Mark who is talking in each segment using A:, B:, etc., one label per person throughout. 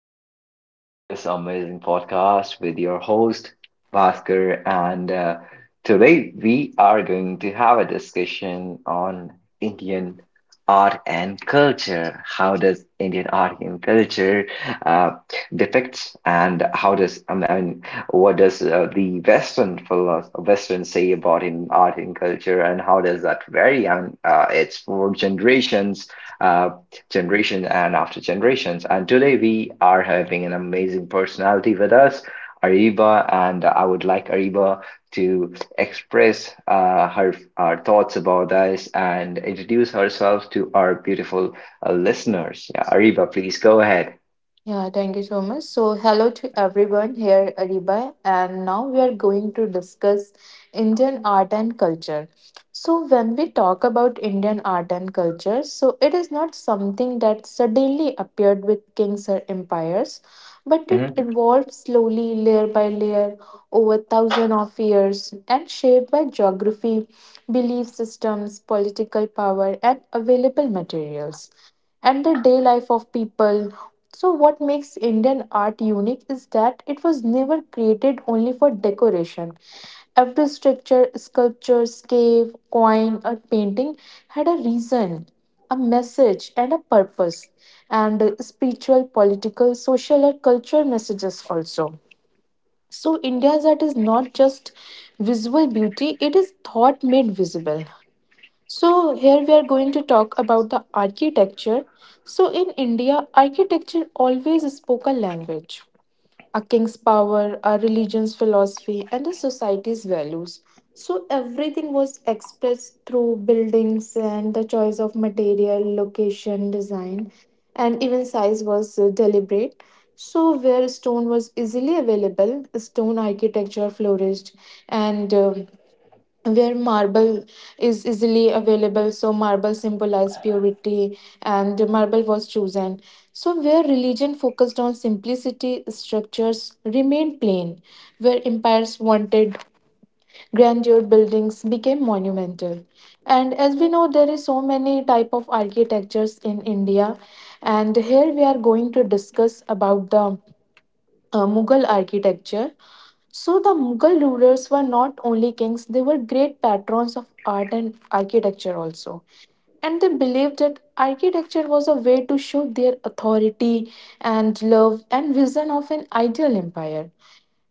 A: Welcome to this amazing podcast with your host, Bhaskar. And Today we are going to have a discussion on Indian art and culture. How does Indian art and culture uh, depict, and how does, what does the Western philosophy, Western say about in art and culture, and how does that vary? It's for generations. uh, Generation and after generations. And today we are having an amazing personality with us, Ariba, and I would like Ariba to express her thoughts about this and introduce herself to our beautiful listeners. Yeah, Ariba, please go ahead.
B: Yeah, thank you so much. So, hello to everyone here, Aribai, and now we are going to discuss Indian art and culture. So, when we talk about Indian art and culture, so it is not something that suddenly appeared with kings or empires, but it
A: Mhm.
B: evolved slowly, layer by layer, over thousands of years, and shaped by geography, belief systems, political power, and available materials and the day life of people. So, what makes Indian art unique is that it was never created only for decoration. Every structure, sculpture, cave, coin, or painting had a reason, a message, and a purpose, and spiritual, political, social, or cultural messages also. So, India's art is not just visual beauty, it is thought made visible. So, here we are going to talk about the architecture. So, in India, architecture always spoke a language, a king's power, a religion's philosophy, and a society's values. So, everything was expressed through buildings, and the choice of material, location, design, and even size was deliberate. So, where stone was easily available, stone architecture flourished, and where marble is easily available, so marble symbolized purity and marble was chosen. So where religion focused on simplicity, structures remained plain. Where empires wanted grandeur, buildings became monumental. And as we know, there is so many type of architectures in India, and here we are going to discuss about the Mughal architecture. So the Mughal rulers were not only kings, they were great patrons of art and architecture also. And they believed that architecture was a way to show their authority and love and vision of an ideal empire.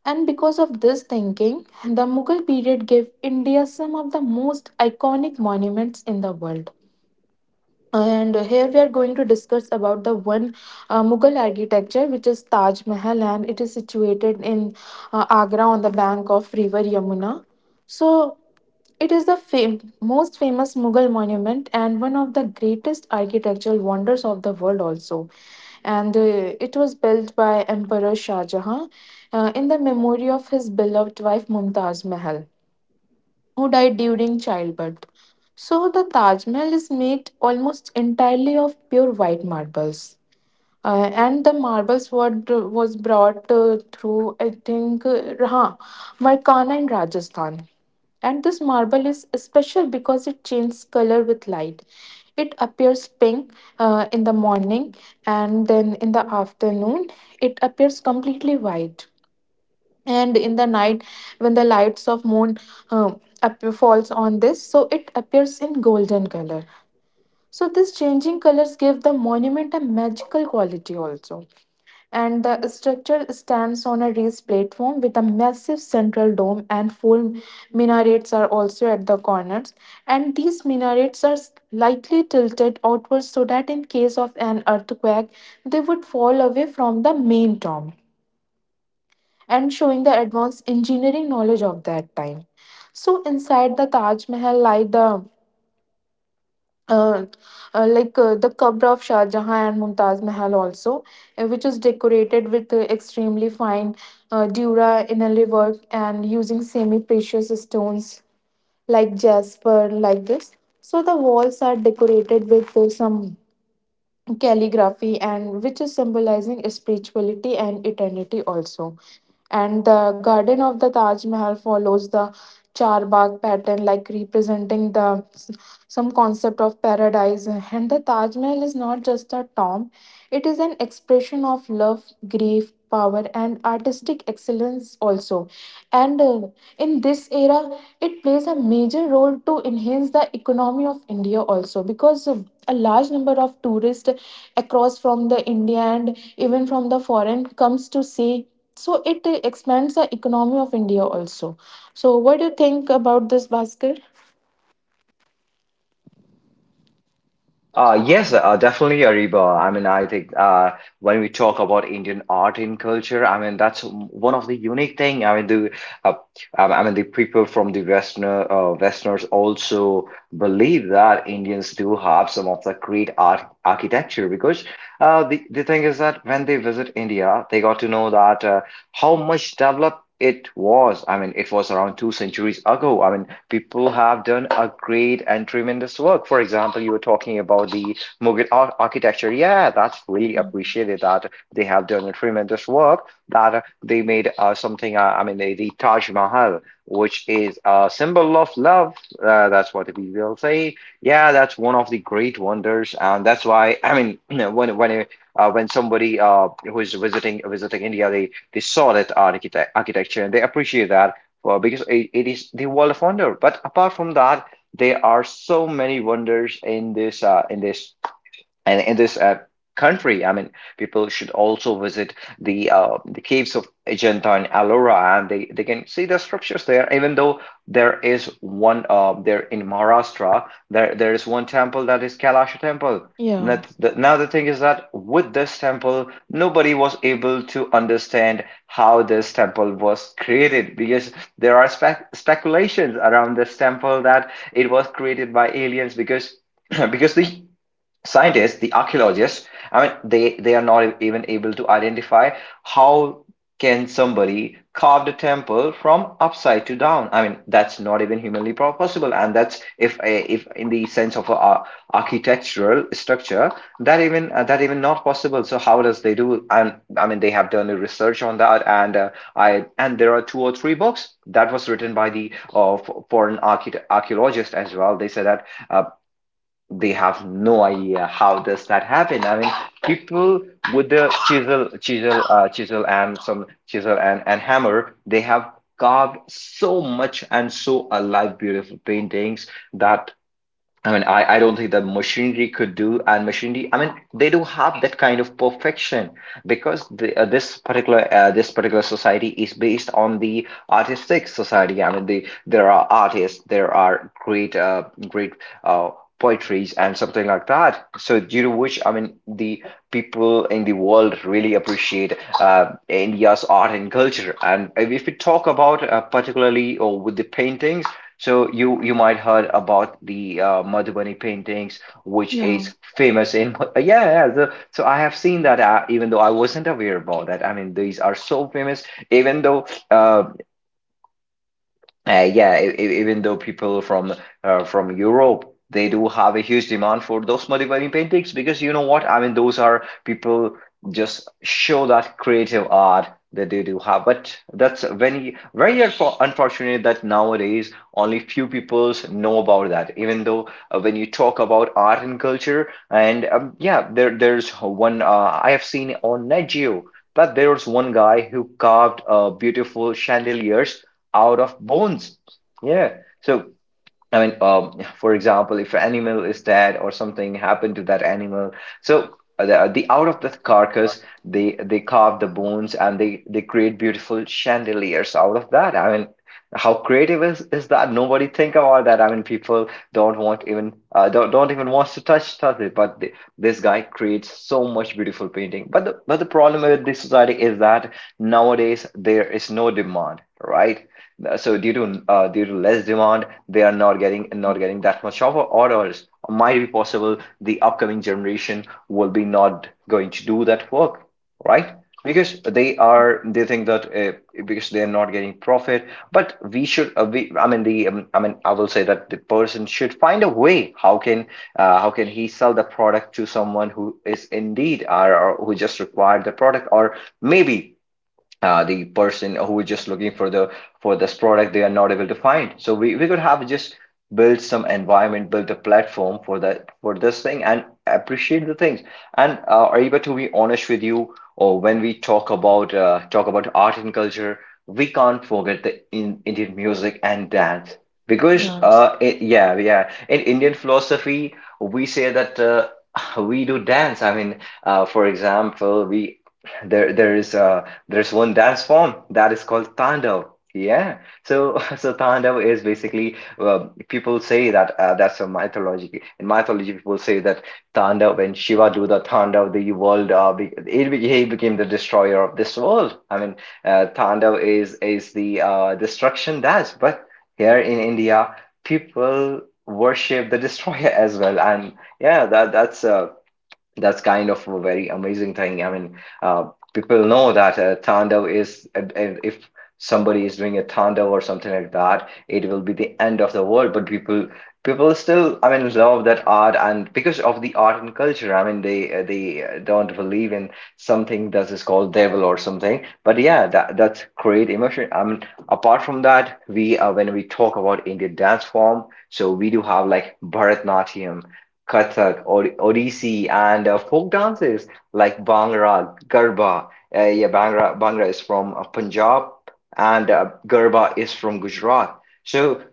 B: And because of this thinking, the Mughal period gave India some of the most iconic monuments in the world. And here we are going to discuss about the one Mughal architecture, which is Taj Mahal, and it is situated in Agra on the bank of River Yamuna. So it is the most famous Mughal monument and one of the greatest architectural wonders of the world also. And it was built by Emperor Shah Jahan in the memory of his beloved wife Mumtaz Mahal, who died during childbirth. So the Taj Mahal is made almost entirely of pure white marbles. And the marbles were was brought through, I think, Markana in Rajasthan. And this marble is special because it changes color with light. It appears pink in the morning, and then in the afternoon, it appears completely white, and in the night, when the lights of moon falls on this, so it appears in golden color. So these changing colors give the monument a magical quality also. And the structure stands on a raised platform with a massive central dome, and four minarets are also at the corners. And these minarets are slightly tilted outwards, so that in case of an earthquake they would fall away from the main dome, and showing the advanced engineering knowledge of that time. So inside the Taj Mahal, like the uh, the Qabr of Shah Jahan and Mumtaz Mahal also, which is decorated with extremely fine dura inlay work and using semi-precious stones like jasper, like this. So the walls are decorated with some calligraphy, and which is symbolizing spirituality and eternity also. And the garden of the Taj Mahal follows the charbagh pattern, like representing the some concept of paradise. And the Taj Mahal is not just a tomb, it is an expression of love, grief, power, and artistic excellence also. And in this era, it plays a major role to enhance the economy of India also, because a large number of tourists across from the India and even from the foreign comes to see, so it expands the economy of India also. So what do you think about this, Bhaskar?
A: Yes, definitely, Ariba. I think when we talk about Indian art and culture, I mean that's one of the unique thing. Uh, I mean the people from the Westerner Westerners also believe that Indians do have some of the great art architecture because the thing is that when they visit India, they got to know that how much developed. It was, I mean, it was around 2 centuries ago. I mean, people have done a great and tremendous work. For example, you were talking about the architecture. Yeah, that's really
B: Yeah,
A: appreciated that they have done a tremendous work, that they made something, the Taj Mahal, which is a symbol of love. That's what we will say. Yeah, that's one of the great wonders. And that's why, I mean, when, when, when somebody who is visiting India, they saw that architecture and they appreciate that well, because it is the world of wonder. But apart from that, there are so many wonders in this and in this country, I mean, people should also visit the caves of Ajanta and Ellora, and they can see the sculptures there. Even though there is one there in Maharashtra, there is one temple that is Kailasha temple.
B: yeah.
A: Now the thing is that with this temple, nobody was able to understand how this temple was created because there are speculations around this temple that it was created by aliens because because the scientists, the archaeologists, I mean, they are not even able to identify how can somebody carve the temple from upside to down. I mean, that's not even possible. And that's if in the sense of architectural structure, that even not possible. So how does they do? And I mean, they have done a research on that, and I and there are 2 or 3 books that was written by the foreign archaeologist as well. They said that they have no idea how does that happen. People with the chisel and hammer, they have carved so much and so alive, beautiful paintings that I mean, I don't think the machinery could do, and machinery, I mean, they do have that kind of perfection because the, this particular society is based on the artistic society. There are artists, there are great uh, poetries and something like that. So due to which, I mean, the people in the world really appreciate India's art and culture. And if we talk about particularly or with the paintings. So you might heard about the Madhubani paintings, which
B: Yeah,
A: is famous in yeah. So I have seen that even though I wasn't aware about that. I mean, these are so famous. Even though uh, yeah, e- e- Even though people from Europe they do have a huge demand for those Madhubani paintings because you know what? I mean, those are people just show that creative art that they do have. But that's very unfortunate that nowadays only few peoples know about that. Even though when you talk about art and culture, and yeah, there's one I have seen on Net Geo that there's one guy who carved beautiful chandeliers out of bones. Yeah. So for example, if an animal is dead or something happened to that animal, so the out of the carcass, they carve the bones and they create beautiful chandeliers out of that. I mean, how creative is that? Nobody think about that. I mean, people don't even want to touch it. This guy creates so much beautiful painting. But the problem with this society is that nowadays there is no demand, right? So due to due to less demand they are not getting that much of orders. Or might be possible the upcoming generation will be not going to do that work, right, because they think that because they are not getting profit. But we should I mean the I mean I will say that the person should find a way. How can how can he sell the product to someone who is indeed or who just required the product or maybe the person who is just looking for the for this product they are not able to find. So we could have just built some environment, built a platform for that, for this thing, and appreciate the things. And Ariba, to be honest with you, or when we talk about talk about art and culture, we can't forget the Indian music and dance because
B: yeah,
A: yeah in Indian philosophy we say that we do dance. For example we there there is a there's one dance form that is called Tandav. Yeah, so so Tandav is basically well, people say that that's a mythology. In mythology, people say that Tandav, when Shiva do the Tandav, the world he became the destroyer of this world. Tandav is the destruction dance. But here in India, people worship the destroyer as well, and yeah, that that's kind of a very amazing thing. Uh, People know that Tandav is, and if somebody is doing a Tandav or something like that, it will be the end of the world. But people still, I mean, love that art, and because of the art and culture, they don't believe in something that is called devil or something. But yeah, that that's great emotion. I mean, apart from that, we when we talk about Indian dance form, so we do have like Bharatnatyam. Kathak, Odissi, and folk dances like Bhangra, Garba. Yeah, Bhangra is from Punjab, and Garba is from Gujarat. So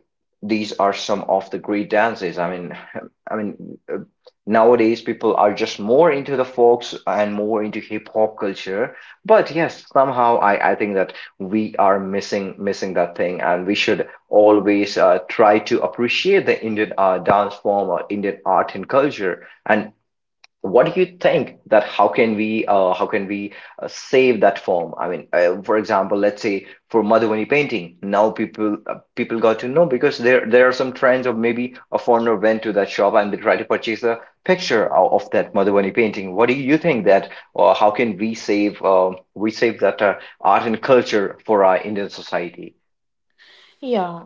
A: these are some of the great dances. I mean, uh, Nowadays people are just more into the folks and more into hip hop culture. But yes, somehow I think that we are missing that thing, and we should always try to appreciate the Indian dance form or Indian art and culture. And what do you think that how can we save that form? I mean, for example, let's say for Madhubani painting, now people got to know because there are some trends of maybe a foreigner went to that shop and they try to purchase a picture of that Madhubani painting. What do you think that or how can we save that art and culture for our Indian society?
B: yeah.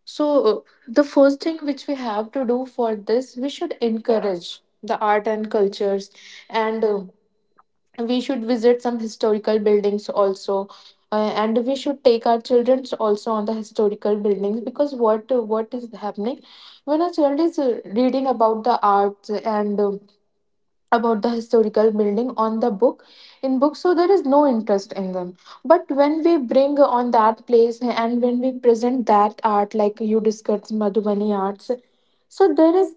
B: So, the first thing which we have to do for this, we should encourage the art and cultures, and we should visit some historical buildings also. And we should take our children also on the historical buildings, because what is happening, when a child is reading about the arts and about the historical building on the book, in books, so there is no interest in them. But when we bring on that place and when we present that art, like you discussed Madhubani arts, so there is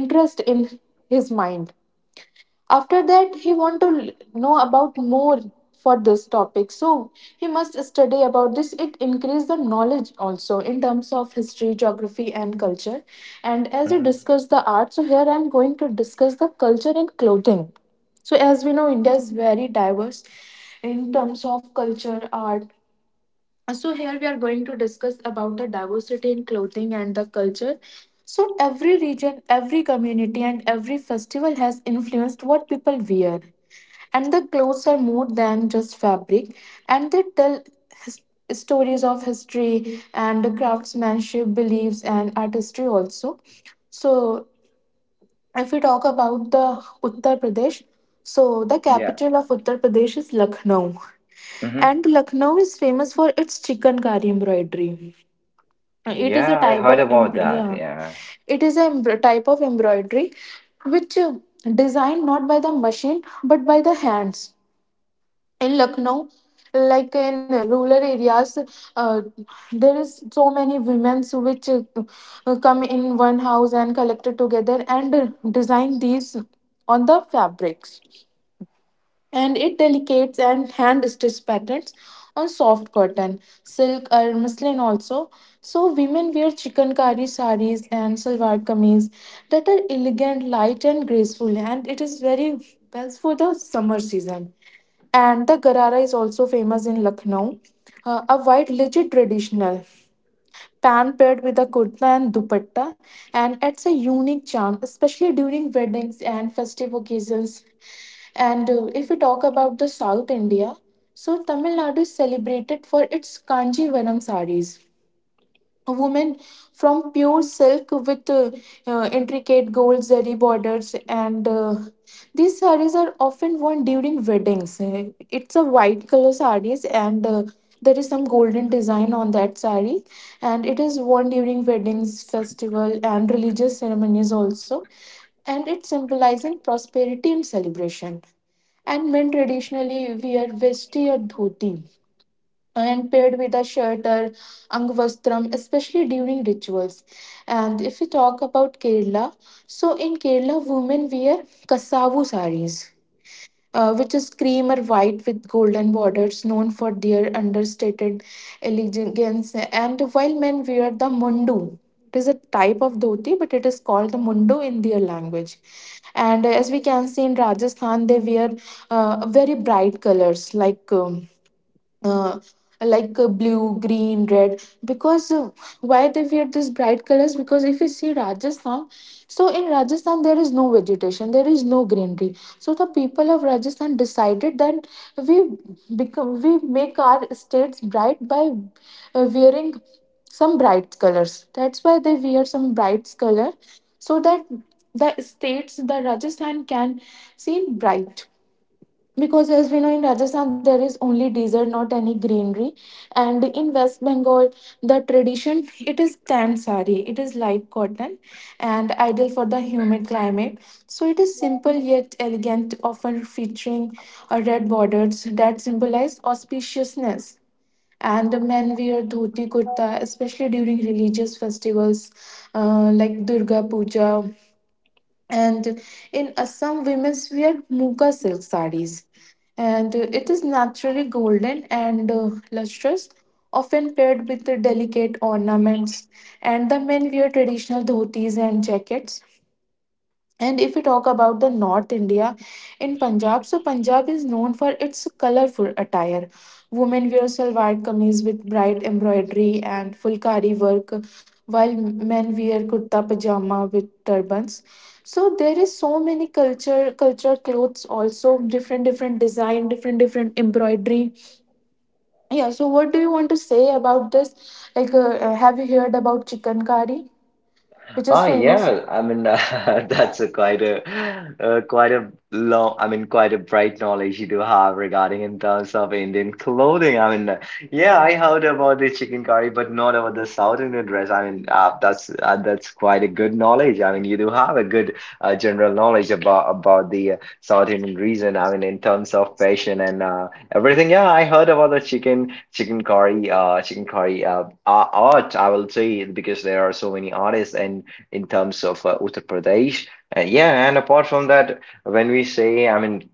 B: interest in his mind. After that, he want to know about more for this topic, so he must study about this. It increase the knowledge also in terms of history, geography, and culture. And as you
A: Mhm.
B: discuss the art, so here I'm going to discuss the culture and clothing. So as we know, India is very diverse in terms of culture, art. So here we are going to discuss about the diversity in clothing and the culture. So every region, every community, and every festival has influenced what people wear. And the clothes are more than just fabric, and they tell his- stories of history and the craftsmanship, beliefs, and artistry also. So, if we talk about the Uttar Pradesh, so the
A: Yeah.
B: capital of Uttar Pradesh is Lucknow, and Lucknow is famous for its chikankari embroidery. It is a
A: Yeah, I
B: type
A: heard
B: of
A: about that.
B: yeah,
A: Yeah.
B: it is a type of embroidery which designed not by the machine but by the hands. In Lucknow, like in rural areas, uh, there is so many women which come in one house and collected together and design these on the fabrics, and it delicates and hand stitched patterns on soft cotton, silk, or muslin also. So women wear chikankari sarees and salwar kameez that are elegant, light, and graceful, and it is very best for the summer season. And the Garara is also famous in Lucknow, a white legit traditional pan paired with a kurta and dupatta, and it's a unique charm, especially during weddings and festive occasions. And if we talk about the South India, so Tamil Nadu is celebrated for its Kanjivaram sarees, a woman from pure silk with intricate gold zari borders, and these sarees are often worn during weddings. It's a white color sarees, and there is some golden design on that saree, and it is worn during weddings, festival, and religious ceremonies also, and it symbolizing prosperity and celebration. And men traditionally wear vesti or dhoti, and paired with a shirt or angvastram, especially during rituals. And if we talk about Kerala, so in Kerala, women wear kasavu saris. Which is cream or white with golden borders, known for their understated elegance. And while men wear the mundu, it is a type of dhoti, but it is called the mundu in their language. And as we can see in Rajasthan, they wear very bright colors like uh, blue, green, red. Because why they wear these bright colors? Because if you see Rajasthan, so in Rajasthan there is no vegetation, there is no greenery. So the people of Rajasthan decided that we we make our states bright by wearing some bright colors. That's why they wear some bright color, so that the states, the Rajasthan can seem bright, because as we know, in Rajasthan there is only desert, not any greenery. And in West Bengal, the tradition, it is tan sari, it is light cotton, and ideal for the humid climate. So it is simple yet elegant, often featuring red borders that symbolize auspiciousness. And the men wear dhoti kurta especially during religious festivals, like Durga Puja. And in Assam, women wear muga silk sarees, and it is naturally golden and lustrous, often paired with the delicate ornaments. And the men wear traditional dhotis and jackets. And if we talk about the North India, in Punjab, so Punjab is known for its colorful attire. Women wear salwar kameez with bright embroidery and fulkari work, while men wear kurta pajama with turbans. So there is so many culture clothes also, different different design, different different embroidery. Yeah. So what do you want to say about this? Like, have you heard about chicken curry, which is
A: Oh
B: famous?
A: yeah, I mean that's a quite a long, I mean quite a bright knowledge you do have regarding in terms of Indian clothing. Yeah, I heard about the chicken curry, but not about the South Indian dress. That's that's quite a good knowledge. I mean, you do have a good general knowledge about the South Indian region. I mean, in terms of fashion and everything. Yeah, I heard about the chicken curry, chicken curry art. I will say because there are so many artists and in terms of Uttar Pradesh. Yeah, and apart from that, when we say, I mean,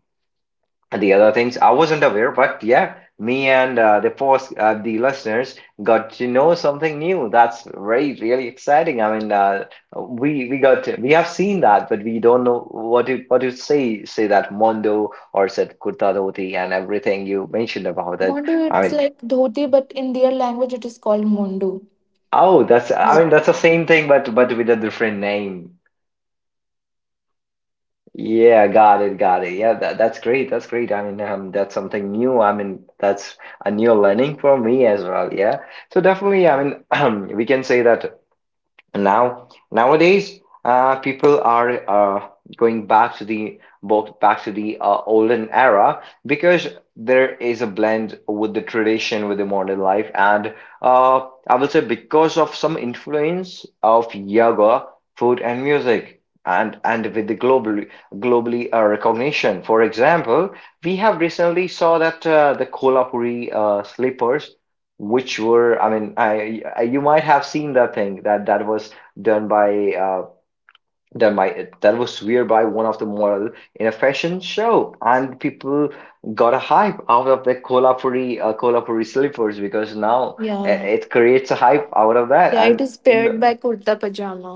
A: the other things, I wasn't aware, but yeah, me and the listeners got to know something new. That's very, really exciting. We got we have seen that, but we don't know what to say. Say that Mondo or said kurta dhoti and everything you mentioned about that.
B: Mondo,
A: I
B: it's
A: mean,
B: like dhoti, but in their language, it is called mondu.
A: oh, that's I mean that's the same thing, but with a different name. Yeah, got it, got it. Yeah, that's great. That's great. That's something new. I mean, that's a new learning for me as well. Yeah. So definitely, I mean, we can say that nowadays people are going back to the both back to the olden era because there is a blend with the tradition with the modern life and uh, I will say because of some influence of yoga, food and music, and with the globally recognition. For example, we have recently saw that the Kolhapuri slippers, which were, I, you might have seen that thing that that was done by done by that was weird by one of the model in a fashion show, and people got a hype out of the Kolhapuri Kolhapuri slippers because now
B: Yeah,
A: it creates a hype out of that
B: yeah, it
A: and
B: is paired by kurta pajama,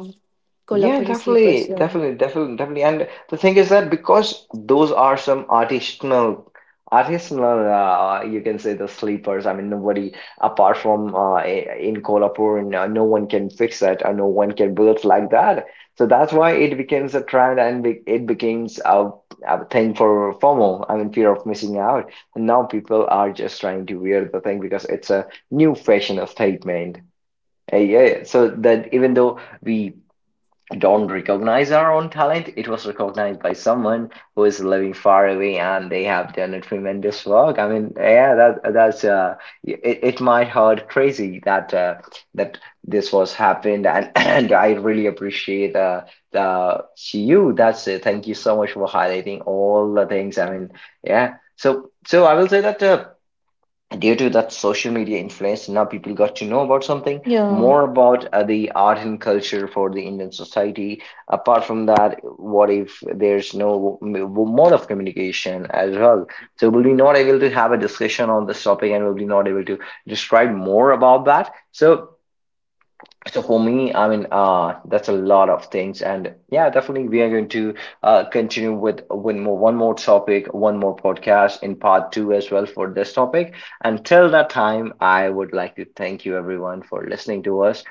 A: yeah,
B: Kolhapuri slippers. Yeah,
A: definitely. And the thing is that because those are some artisanal, you can say the sleepers. I mean, nobody apart from in Kolhapur, and, no one can fix that, or no one can build like that. So that's why it becomes a trend, and be it becomes a thing for FOMO. I mean, fear of missing out. And now people are just trying to wear the thing because it's a new fashion statement. Yeah, so that even though we don't recognize our own talent. It was recognized by someone who is living far away, and they have done a tremendous work. I mean, yeah, that that's it might hurt crazy that that this was happened, and and I really appreciate the you. That's it. Thank you so much for highlighting all the things. I mean, yeah. So so I will say that due to that social media influence now people got to know about something
B: yeah.
A: more about the art and culture for the Indian society. Apart from that, what if there's no mode of communication as well, so we'll be not able to have a discussion on this topic and we'll be not able to describe more about that. So so for me, I mean, that's a lot of things, and yeah, definitely we are going to continue with one more topic, one more podcast in part 2 as well for this topic. Until that time, I would like to thank you everyone for listening to us.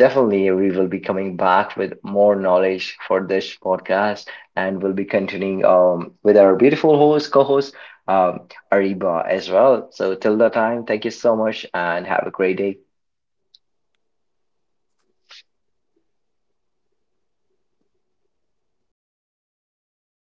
A: Definitely, we will be coming back with more knowledge for this podcast, and we'll be continuing with our beautiful host, co-host, um, Ariba as well. So till that time, thank you so much, and have a great day.